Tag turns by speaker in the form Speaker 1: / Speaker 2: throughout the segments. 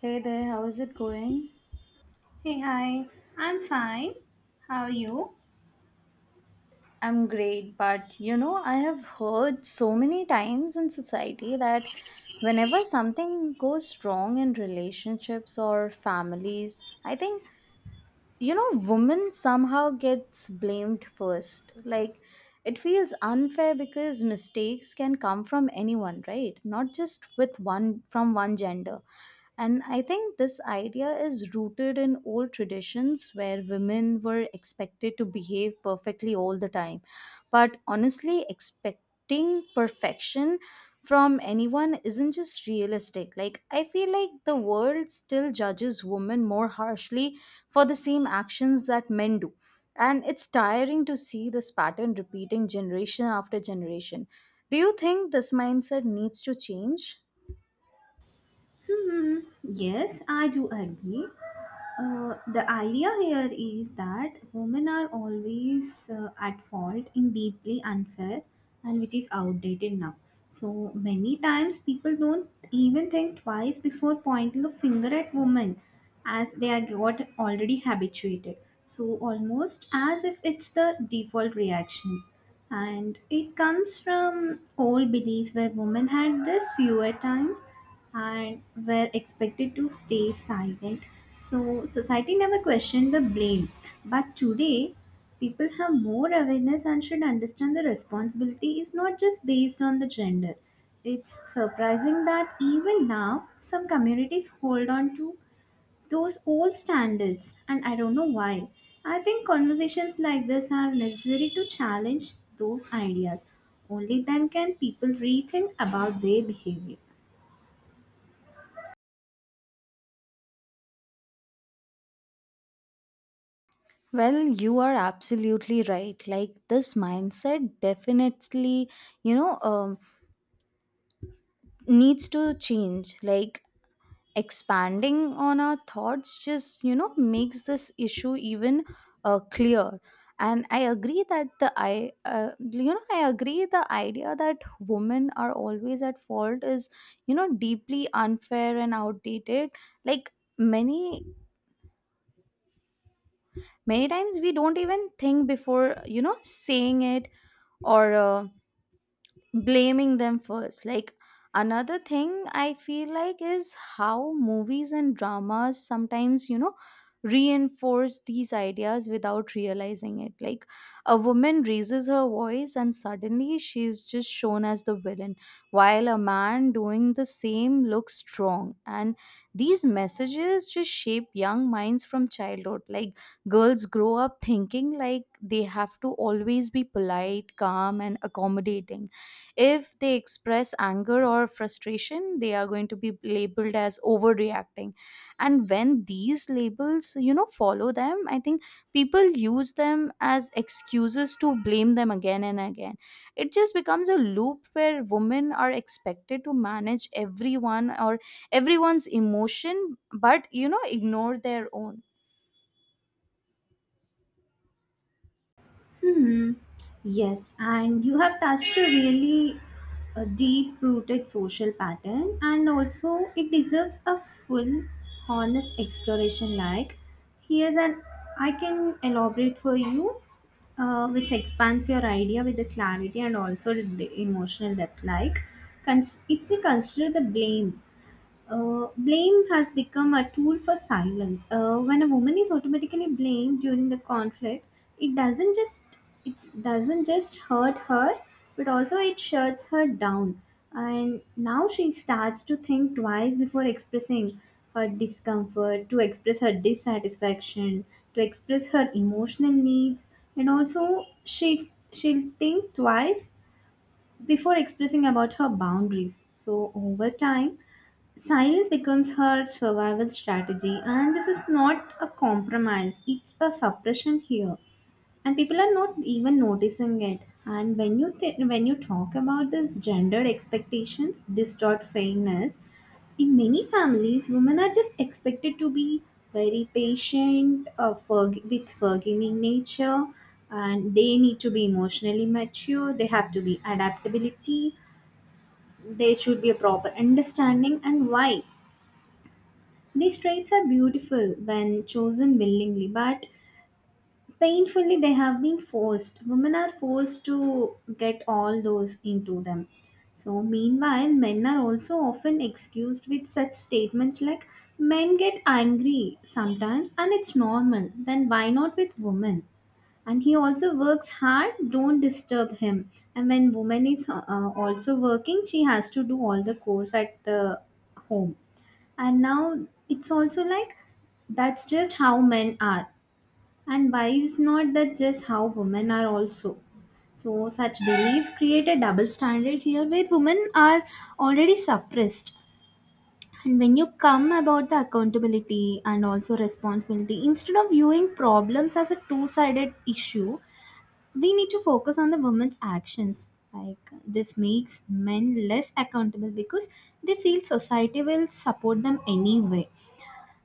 Speaker 1: Hey there, how's it going?
Speaker 2: Hey, hi. I'm fine. How are you?
Speaker 1: I'm great, but you know, I have heard so many times in society that whenever something goes wrong in relationships or families, I think women somehow gets blamed first, like it feels unfair because mistakes can come from anyone, right? Not just with one from one gender. And I think this idea is rooted in old traditions where women were expected to behave perfectly all the time, but honestly expecting perfection from anyone isn't just realistic. Like, I feel like the world still judges women more harshly for the same actions that men do. And it's tiring to see this pattern repeating generation after generation. Do you think this mindset needs to change?
Speaker 2: Hmm, yes, I do agree. The idea here is that women are always at fault in deeply unfair and which is outdated now. So many times people don't even think twice before pointing a finger at women as they are got already habituated. So almost as if it's the default reaction. And it comes from old beliefs where women had just fewer times and were expected to stay silent. So, society never questioned the blame. But today, people have more awareness and should understand the responsibility is not just based on the gender. It's surprising that even now, some communities hold on to those old standards, and I don't know why. I think conversations like this are necessary to challenge those ideas. Only then can people rethink about their behavior.
Speaker 1: Well, you are absolutely right. Like, this mindset definitely, you know, um, needs to change. Like, expanding on our thoughts just makes this issue even clear. And I agree that the I you know I agree the idea that women are always at fault is deeply unfair and outdated. Like, many many times we don't even think before saying it or blaming them first. Like, another thing I feel like is how movies and dramas sometimes reinforce these ideas without realizing it. Like, a woman raises her voice and suddenly she's just shown as the villain, while a man doing the same looks strong. And these messages just shape young minds from childhood. Like, girls grow up thinking like they have to always be polite, calm, and accommodating. If they express anger or frustration, they are going to be labeled as overreacting. And when these labels follow them, I think people use them as excuses to blame them again and again. It just becomes a loop where women are expected to manage everyone or everyone's emotion, but ignore their own.
Speaker 2: Hmm. Yes, and you have touched a really a deep-rooted social pattern, and also it deserves a full, honest exploration. Like, here's an I can elaborate for you, which expands your idea with the clarity and also the emotional depth. Like, if we consider the blame blame has become a tool for silence. When a woman is automatically blamed during the conflict, it doesn't just it doesn't just hurt her, but also it shuts her down. And now she starts to think twice before expressing her discomfort, to express her dissatisfaction, to express her emotional needs, and also she'll think twice before expressing about her boundaries. So over time silence becomes her survival strategy, and this is not a compromise, it's a suppression here. And people are not even noticing it. And when you talk about this gendered expectations, distort fairness, in many families, women are just expected to be very patient, with forgiving nature, and they need to be emotionally mature. They have to be adaptability. There should be a proper understanding and why. These traits are beautiful when chosen willingly, but painfully they have been forced. Women are forced to get all those into them. So, meanwhile, men are also often excused with such statements like, men get angry sometimes and it's normal, then why not with women? And he also works hard, don't disturb him. And when woman is also working, she has to do all the chores at the home. And now it's also like that's just how men are, and why is not that just how women are also? So such beliefs create a double standard here where women are already suppressed. And when you come about the accountability and also responsibility, instead of viewing problems as a two-sided issue, we need to focus on the women's actions. Like, this makes men less accountable because they feel society will support them anyway.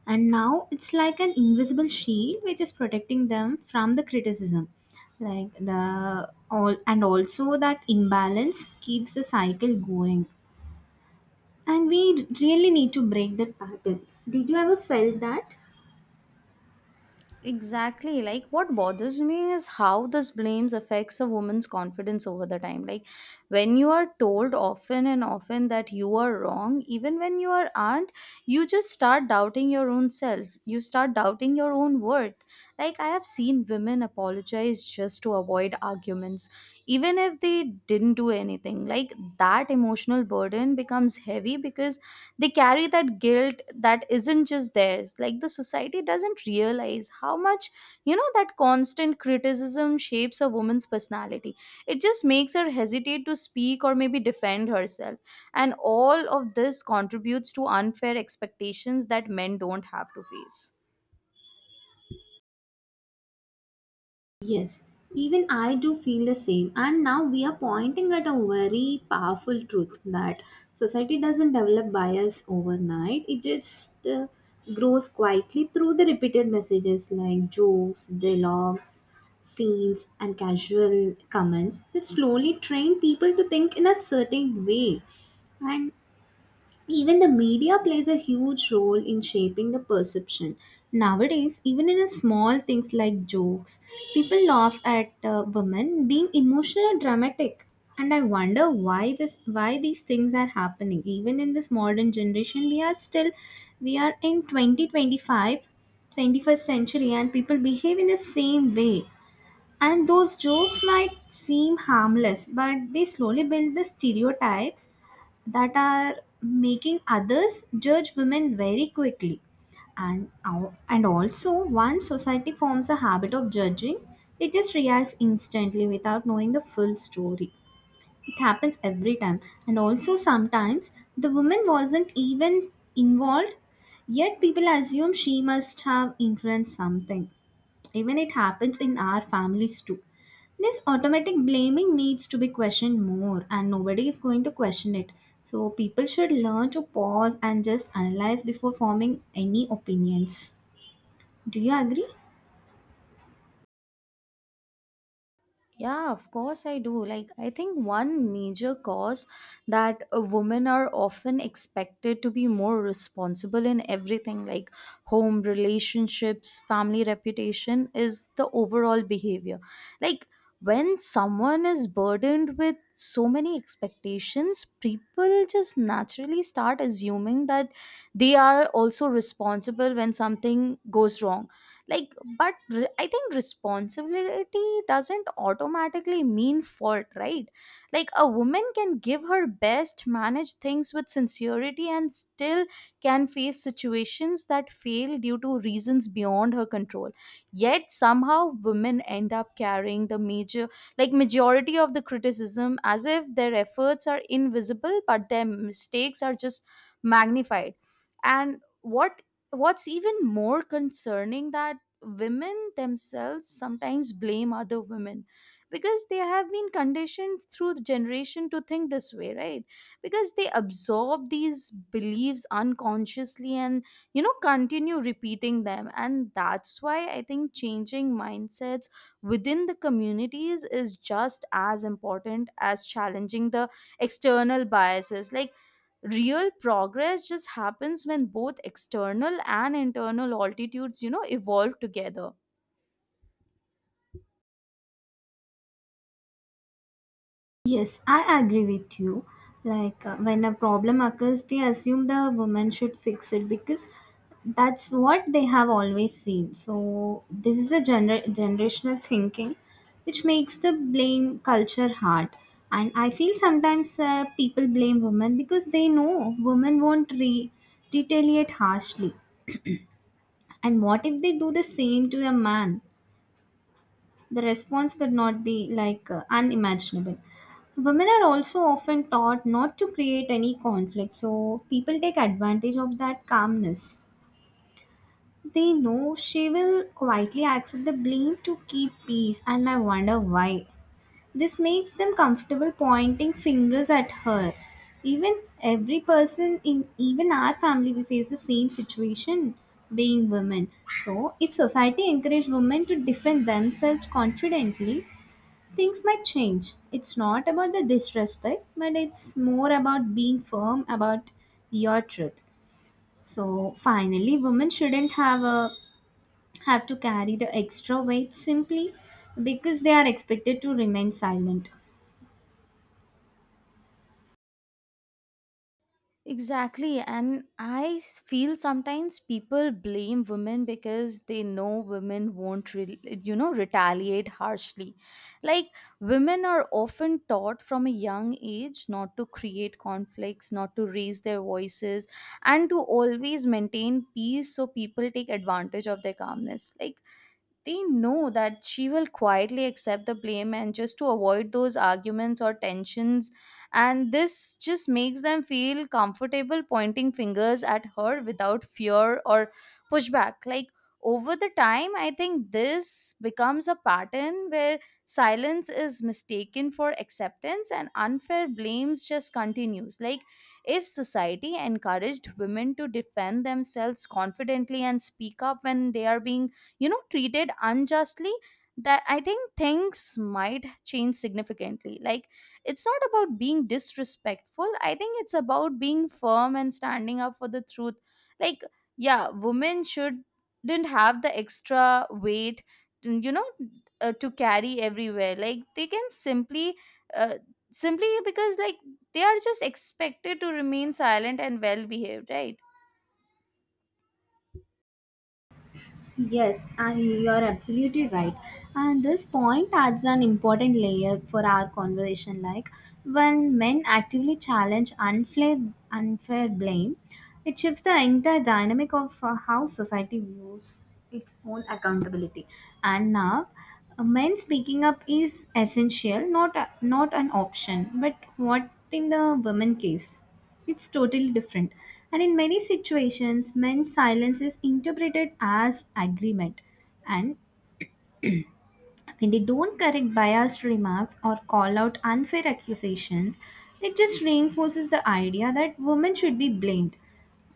Speaker 2: And now it's like an invisible shield which is protecting them from the criticism, like the all. And also that imbalance keeps the cycle going, and we really need to break that pattern. Did you ever felt that?
Speaker 1: Exactly. Like, what bothers me is how this blames affects a woman's confidence over the time. Like, when you are told often and often that you are wrong, even when you are aren't, you just start doubting your own self. You start doubting your own worth. Like, I have seen women apologize just to avoid arguments, even if they didn't do anything. Like, that emotional burden becomes heavy because they carry that guilt that isn't just theirs. Like, the society doesn't realize how much that constant criticism shapes a woman's personality. It just makes her hesitate to speak or maybe defend herself. And all of this contributes to unfair expectations that men don't have to face.
Speaker 2: Yes, even I do feel the same. And now we are pointing at a very powerful truth that society doesn't develop bias overnight, it just grows quietly through the repeated messages like jokes, dialogues, scenes, and casual comments that slowly train people to think in a certain way. And even the media plays a huge role in shaping the perception. Nowadays, even in a small things like jokes, people laugh at women being emotional or dramatic. And I wonder why this, why these things are happening. Even in this modern generation, we are still, we are in 2025, 21st century, and people behave in the same way. And those jokes might seem harmless, but they slowly build the stereotypes that are making others judge women very quickly. And also, once society forms a habit of judging, it just reacts instantly without knowing the full story. It happens every time. And also sometimes the woman wasn't even involved, yet people assume she must have influenced something. Even it happens in our families too. This automatic blaming needs to be questioned more, and nobody is going to question it. So, people should learn to pause and just analyze before forming any opinions. Do you agree?
Speaker 1: Yeah, of course I do. Like, I think one major cause that, women are often expected to be more responsible in everything, like home, relationships, family reputation, is the overall behavior. Like, when someone is burdened with so many expectations, people just naturally start assuming that they are also responsible when something goes wrong. Like, I think responsibility doesn't automatically mean fault, right? Like, a woman can give her best, manage things with sincerity, and still can face situations that fail due to reasons beyond her control. Yet somehow women end up carrying the majority of the criticism, as if their efforts are invisible but their mistakes are just magnified. And what's even more concerning that women themselves sometimes blame other women because they have been conditioned through the generation to think this way, right? Because they absorb these beliefs unconsciously and continue repeating them. And that's why I think changing mindsets within the communities is just as important as challenging the external biases. Like, real progress just happens when both external and internal altitudes evolve together.
Speaker 2: Yes, I agree with you. Like, when a problem occurs, they assume the woman should fix it because that's what they have always seen. So this is a generational thinking, which makes the blame culture hard. And I feel sometimes people blame women because they know women won't retaliate harshly. And what if they do the same to a man? The response could not be like unimaginable. Women are also often taught not to create any conflict, so people take advantage of that calmness. They know she will quietly accept the blame to keep peace, and I wonder why. This makes them comfortable pointing fingers at her. Even every person in even our family we face the same situation, being women. So if society encouraged women to defend themselves confidently, things might change. It's not about the disrespect, but it's more about being firm about your truth. So finally, women shouldn't have a have to carry the extra weight simply because they are expected to remain silent.
Speaker 1: Exactly. And feel sometimes people blame women because they know women won't, retaliate harshly. Like, women are often taught from a young age not to create conflicts, not to raise their voices, and to always maintain peace, so people take advantage of their calmness. Like, they know that she will quietly accept the blame and just to avoid those arguments or tensions. And this just makes them feel comfortable pointing fingers at her without fear or pushback. Like, over the time, I think this becomes a pattern where silence is mistaken for acceptance and unfair blames just continues. Like, if society encouraged women to defend themselves confidently and speak up when they are being treated unjustly, that I think things might change significantly. Like, it's not about being disrespectful, I think it's about being firm and standing up for the truth. Like, yeah, women should didn't have the extra weight, you know to carry everywhere. Like, they can uh, simply because like they are just expected to remain silent and well behaved, right?
Speaker 2: Yes, and you are absolutely right. And this point adds an important layer for our conversation. Like, when men actively challenge unfair blame, it shifts the entire dynamic of how society views its own accountability. And now, men speaking up is essential, not an option. But what in the women case? It's totally different. And in many situations, men's silence is interpreted as agreement. And when they don't correct biased remarks or call out unfair accusations, it just reinforces the idea that women should be blamed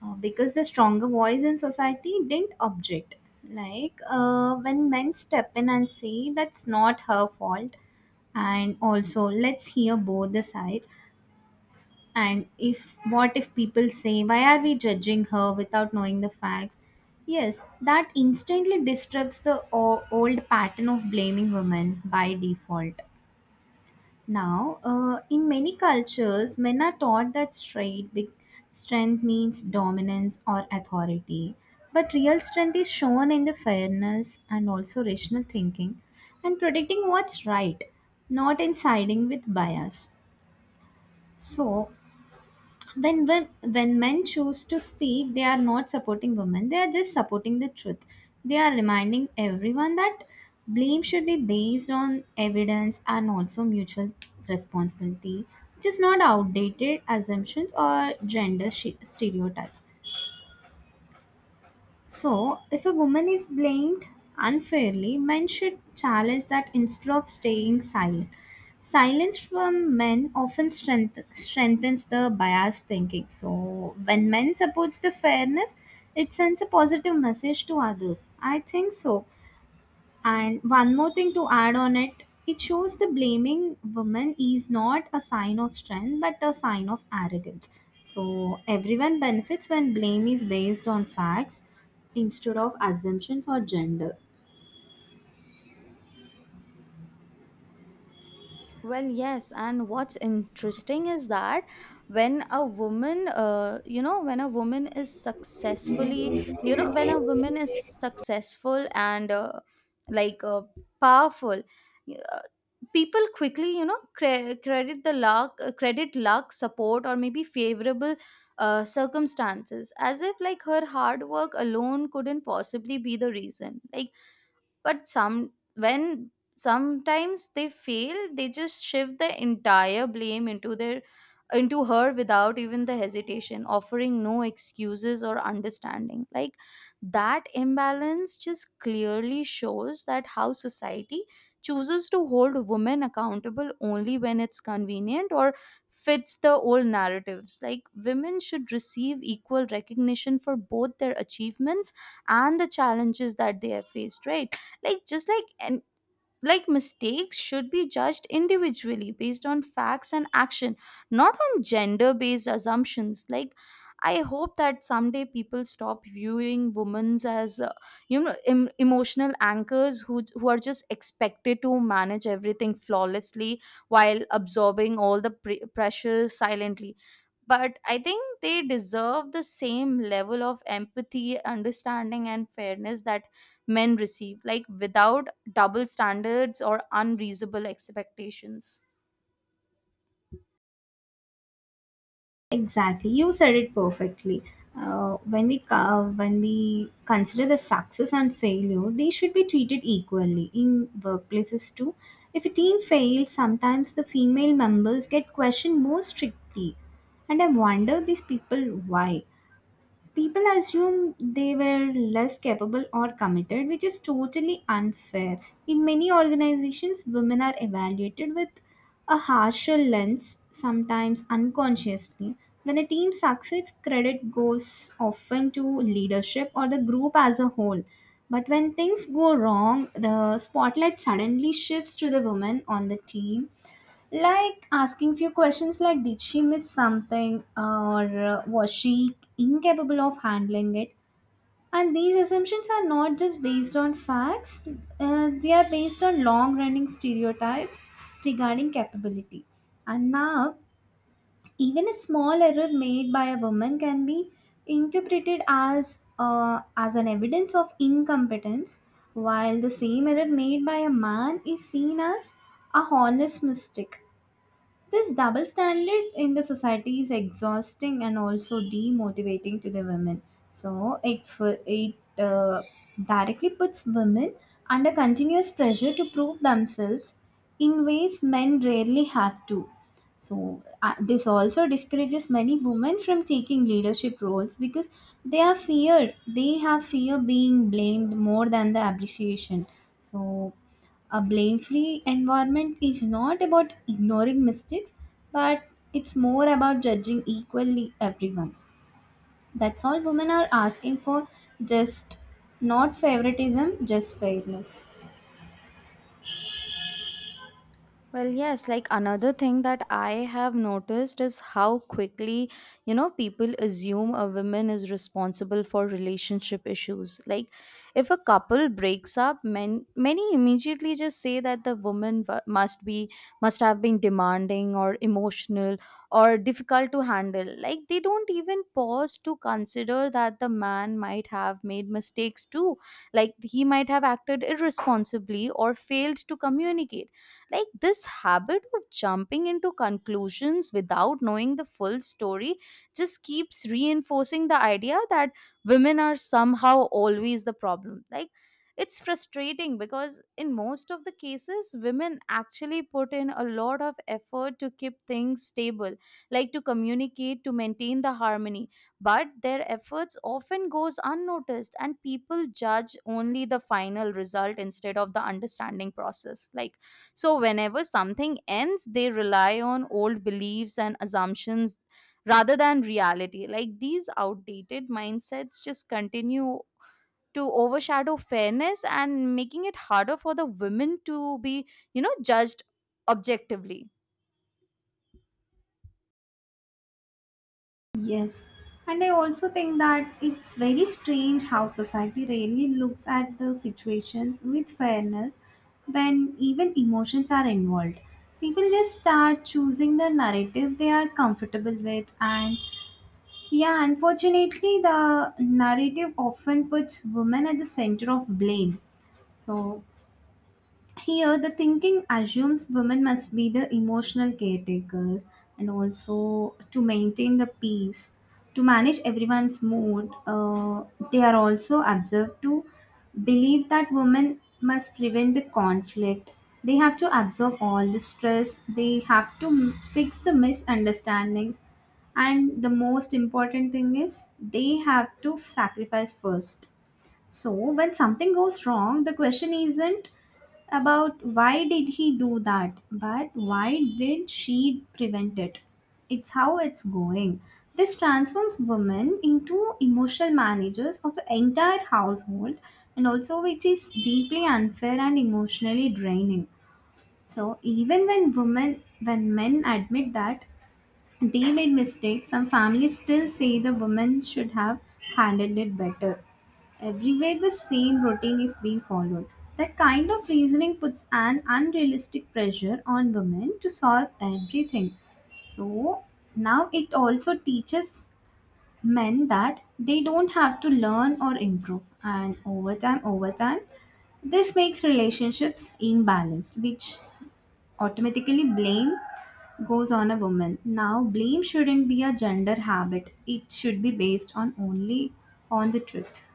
Speaker 2: because the stronger voice in society didn't object. Like, when men step in and say that's not her fault, and also let's hear both the sides, and if what if people say, why are we judging her without knowing the facts? Yes, that instantly disrupts the old pattern of blaming women by default. Now, in many cultures, men are taught that straight big strength means dominance or authority. But real strength is shown in the fairness and also rational thinking and protecting what's right, not in siding with bias. So, when when when men choose to speak, they are not supporting women, they are just supporting the truth. They are reminding everyone that blame should be based on evidence and also mutual responsibility, just not outdated assumptions or gender stereotypes. So, if a woman is blamed unfairly, men should challenge that instead of staying silent. Silence from men often strengthens the biased thinking. So, when men supports the fairness, it sends a positive message to others. I think so. And one more thing to add on it, it shows the blaming women is not a sign of strength but a sign of arrogance. So everyone benefits when blame is based on facts instead of assumptions or gender.
Speaker 1: Well, yes, and what's interesting is that when a woman, you know, when a woman is successfully, you know, when a woman is successful and like powerful, y- uh, people quickly, credit luck, support, or maybe favorable circumstances, as if like her hard work alone couldn't possibly be the reason. Like, but some when sometimes they fail, they just shift the entire blame into her without even the hesitation, offering no excuses or understanding. Like, that imbalance just clearly shows that how society chooses to hold women accountable only when it's convenient or fits the old narratives. Like, women should receive equal recognition for both their achievements and the challenges that they have faced, right? Like just like and like mistakes should be judged individually based on facts and action, not on gender based assumptions. Like, I hope that someday people stop viewing women as, emotional anchors who are just expected to manage everything flawlessly while absorbing all the pressure silently. But I think they deserve the same level of empathy, understanding, and fairness that men receive, like without double standards or unreasonable expectations.
Speaker 2: Exactly, you said it perfectly. When we co- when we consider the success and failure, they should be treated equally in workplaces too. If a team fails, sometimes the female members get questioned more strictly, and I wonder these people why people assume they were less capable or committed, which is totally unfair. In many organizations, women are evaluated with a harsher lens, sometimes unconsciously. When a team succeeds, credit goes often to leadership or the group as a whole. But when things go wrong, the spotlight suddenly shifts to the women on the team, like asking few questions like did she miss something, or was she incapable of handling it? And these assumptions are not just based on facts, they are based on long running stereotypes regarding capability. And now even a small error made by a woman can be interpreted as an evidence of incompetence, while the same error made by a man is seen as a honest mistake. This double standard in the society is exhausting and also demotivating to the women. So it directly puts women under continuous pressure to prove themselves in ways men rarely have to. So, this also discourages many women from taking leadership roles because they are feared. They have fear being blamed more than the appreciation. So a blame free environment is not about ignoring mistakes, but it's more about judging equally everyone. That's all women are asking for, just not favoritism, just fairness.
Speaker 1: Well, yes, like another thing that I have noticed is how quickly, people assume a woman is responsible for relationship issues. Like, if a couple breaks up, men, many immediately just say that the woman w- must be, must have been demanding or emotional or difficult to handle. Like, they don't even pause to consider that the man might have made mistakes too. Like, he might have acted irresponsibly or failed to communicate. Like, this habit of jumping into conclusions without knowing the full story just keeps reinforcing the idea that women are somehow always the problem. Like, it's frustrating because in most of the cases women actually put in a lot of effort to keep things stable, like to communicate, to maintain the harmony, but their efforts often goes unnoticed and people judge only the final result instead of the understanding process. Like, so whenever something ends, they rely on old beliefs and assumptions rather than reality. Like, these outdated mindsets just continue to overshadow fairness and making it harder for the women to be, judged objectively.
Speaker 2: Yes. And I also think that it's very strange how society really looks at the situations with fairness when even emotions are involved. People just start choosing the narrative they are comfortable with. And yeah, unfortunately, the narrative often puts women at the center of blame. So, here, the thinking assumes women must be the emotional caretakers and also to maintain the peace, to manage everyone's mood. They are also observed to believe that women must prevent the conflict. They have to absorb all the stress, they have to fix the misunderstandings, and the most important thing is they have to sacrifice first. So, when something goes wrong, the question isn't about why did he do that, but why did she prevent it? It's how it's going. This transforms women into emotional managers of the entire household and also which is deeply unfair and emotionally draining. So even when women when men admit that they made mistakes. Some families still say the women should have handled it better. Everywhere the same routine is being followed. That kind of reasoning puts an unrealistic pressure on women to solve everything. So now it also teaches men that they don't have to learn or improve. And over time, this makes relationships imbalanced, which automatically blame goes on a woman. Now, blame shouldn't be a gender habit. It should be based on only on the truth.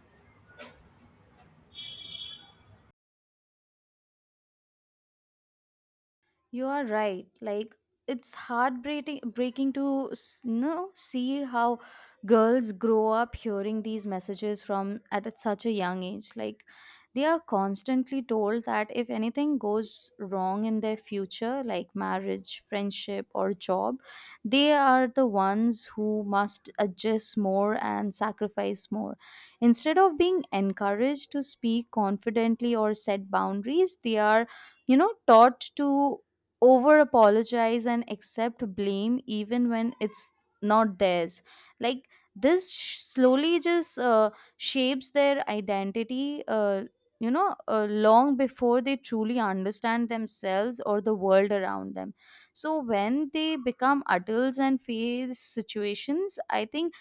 Speaker 1: You are right. Like, it's heartbreaking breaking to see how girls grow up hearing these messages from such a young age. Like, they are constantly told that if anything goes wrong in their future, like marriage, friendship, or job, they are the ones who must adjust more and sacrifice more. Instead of being encouraged to speak confidently or set boundaries, they are taught to over apologize and accept blame even when it's not theirs. Like, this slowly just, shapes their identity, long before they truly understand themselves or the world around them. So when they become adults and face situations, I think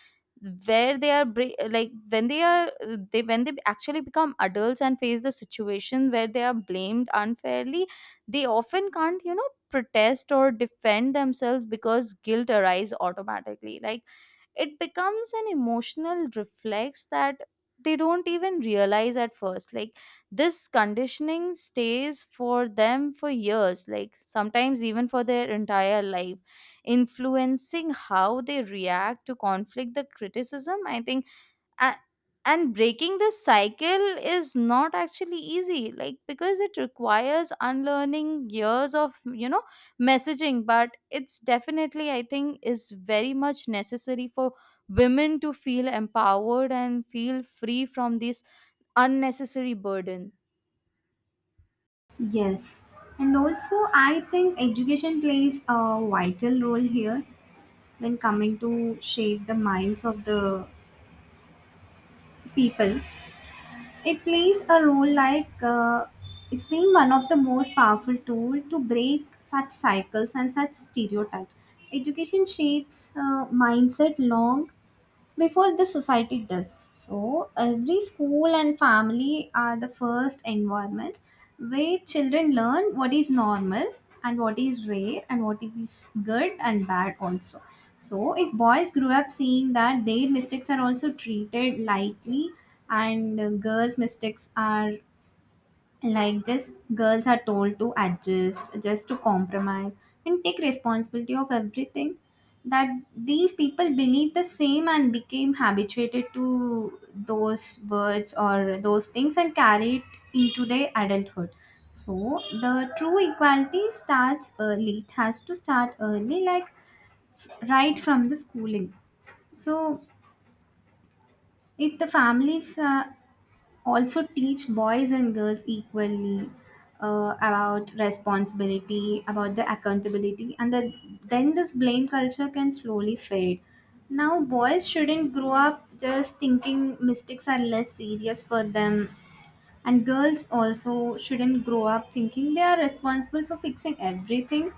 Speaker 1: where they are bra- like when they are they when they actually become adults and face the situation where they are blamed unfairly, they often can't, protest or defend themselves because guilt arises automatically. Like, it becomes an emotional reflex that they don't even realize at first. Like, this conditioning stays for them for years, like sometimes even for their entire life, influencing how they react to conflict, the criticism, I think. a- and breaking this cycle is not actually easy, like because it requires unlearning years of, messaging, but it's definitely, I think, is very much necessary for women to feel empowered and feel free from this unnecessary burden.
Speaker 2: Yes. And also, I think education plays a vital role here when coming to shape the minds of the people. It plays a role like it's been one of the most powerful tool to break such cycles and such stereotypes. Education shapes mindset long before the society does. So, every school and family are the first environments where children learn what is normal and what is rare and what is good and bad also. So, if boys grew up seeing that their mistakes are also treated lightly and girls' mistakes are like just girls are told to adjust just to compromise and take responsibility of everything that these people believe the same and became habituated to those words or those things and carry it into their adulthood. So the true equality starts early, it has to start early, like right from the schooling. So if the families also teach boys and girls equally about responsibility, about the accountability, and that, then this blame culture can slowly fade. Now, boys shouldn't grow up just thinking mistakes are less serious for them, and girls also shouldn't grow up thinking they are responsible for fixing everything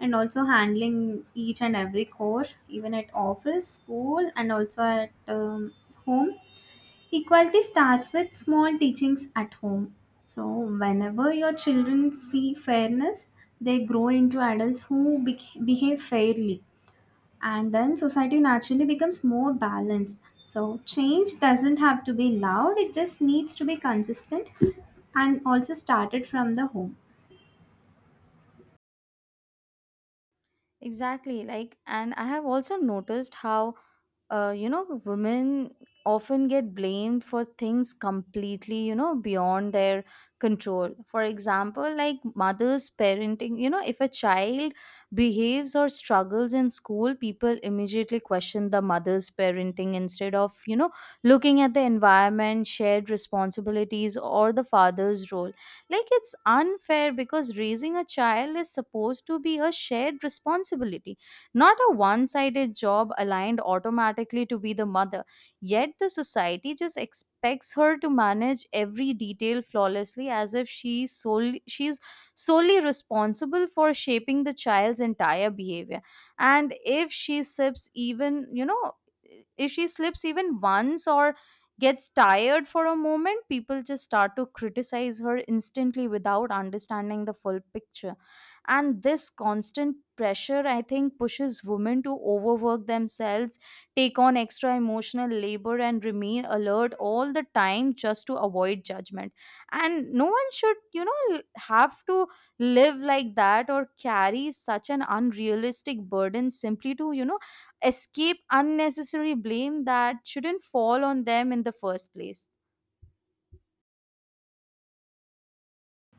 Speaker 2: and also handling each and every chore, even at office, school, and also at home. Equality starts with small teachings at home. So, whenever your children see fairness, they grow into adults who behave fairly, and then society naturally becomes more balanced. So, change doesn't have to be loud, it just needs to be consistent and also started from the home.
Speaker 1: Exactly. Like, and I have also noticed how, women often get blamed for things completely, beyond their control. For example, like mothers parenting, if a child behaves or struggles in school, people immediately question the mother's parenting instead of, looking at the environment, shared responsibilities, or the father's role. Like, it's unfair because raising a child is supposed to be a shared responsibility, not a one sided job aligned automatically to be the mother. Yet the society just expects her to manage every detail flawlessly, as if she's solely responsible for shaping the child's entire behavior. And if she slips even, if she slips even once or gets tired for a moment, people just start to criticize her instantly without understanding the full picture. And this constant pressure, I think, pushes women to overwork themselves, take on extra emotional labor, and remain alert all the time just to avoid judgment. And no one should, have to live like that or carry such an unrealistic burden simply to, escape unnecessary blame that shouldn't fall on them in the first place.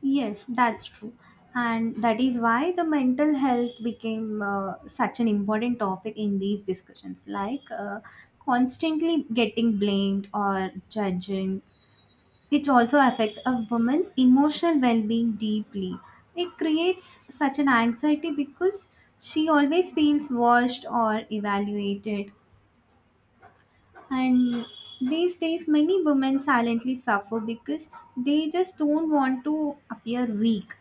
Speaker 2: Yes, that's true. And that is why the mental health became such an important topic in these discussions. Like constantly getting blamed or judging, which also affects a woman's emotional well being deeply. It creates such an anxiety because she always feels watched or evaluated. And these days, many women silently suffer because they just don't want to appear weak.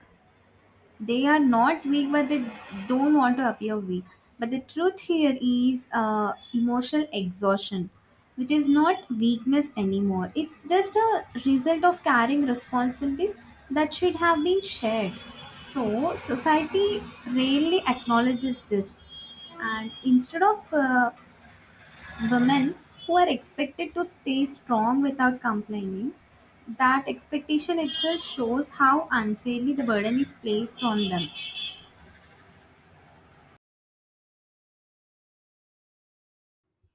Speaker 2: They are not weak, but they don't want to appear weak. But the truth here is emotional exhaustion, which is not weakness anymore, it's just a result of carrying responsibilities that should have been shared. So society rarely acknowledges this, and instead of women who are expected to stay strong without complaining, that expectation itself shows how unfairly the burden is placed on them.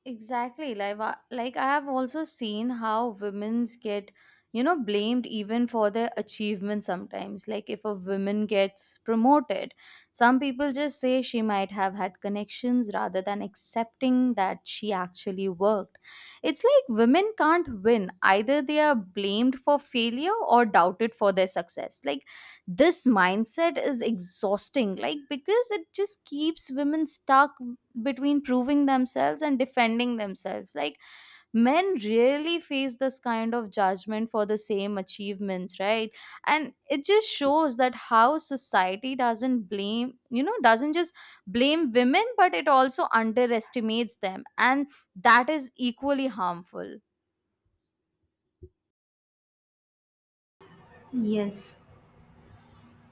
Speaker 1: Exactly. Like, I have also seen how women's get, blamed even for their achievements sometimes. Like, if a woman gets promoted, some people just say she might have had connections rather than accepting that she actually worked. It's like women can't win. Either they are blamed for failure or doubted for their success. Like, this mindset is exhausting, like because it just keeps women stuck between proving themselves and defending themselves. Like, men really face this kind of judgment for the same achievements, right? And it just shows that how society doesn't just blame women, but it also underestimates them, and that is equally harmful.
Speaker 2: Yes,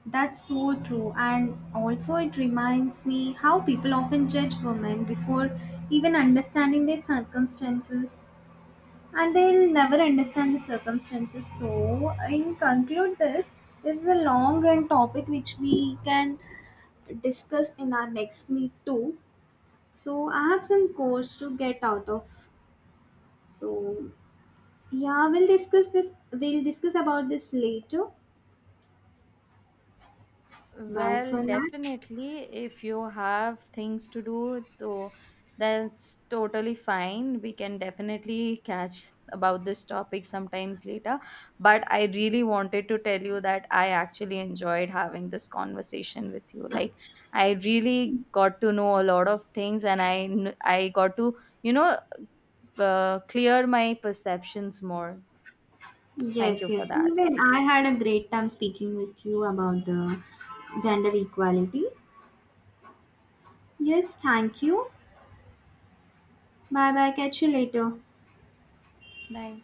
Speaker 2: that's so true. And also, it reminds me how people often judge women before even understanding their circumstances, and they'll never understand the circumstances. So, in conclude, this is a long run topic which we can discuss in our next meet too. So, I have some course to get out of. So, yeah, we'll discuss this. We'll discuss about this later. Bye
Speaker 1: Well,
Speaker 2: for now.
Speaker 1: definitely, if you have things to do, though, that's totally fine. We can definitely catch about this topic sometimes later. But I really wanted to tell you that I actually enjoyed having this conversation with you. Like, I really got to know a lot of things, and I got to, you know, clear my perceptions more. Thank
Speaker 2: Yes,
Speaker 1: you for
Speaker 2: yes.
Speaker 1: that.
Speaker 2: Even I had a great time speaking with you about the gender equality. Yes, thank you. Bye bye. Catch you later.
Speaker 1: Bye.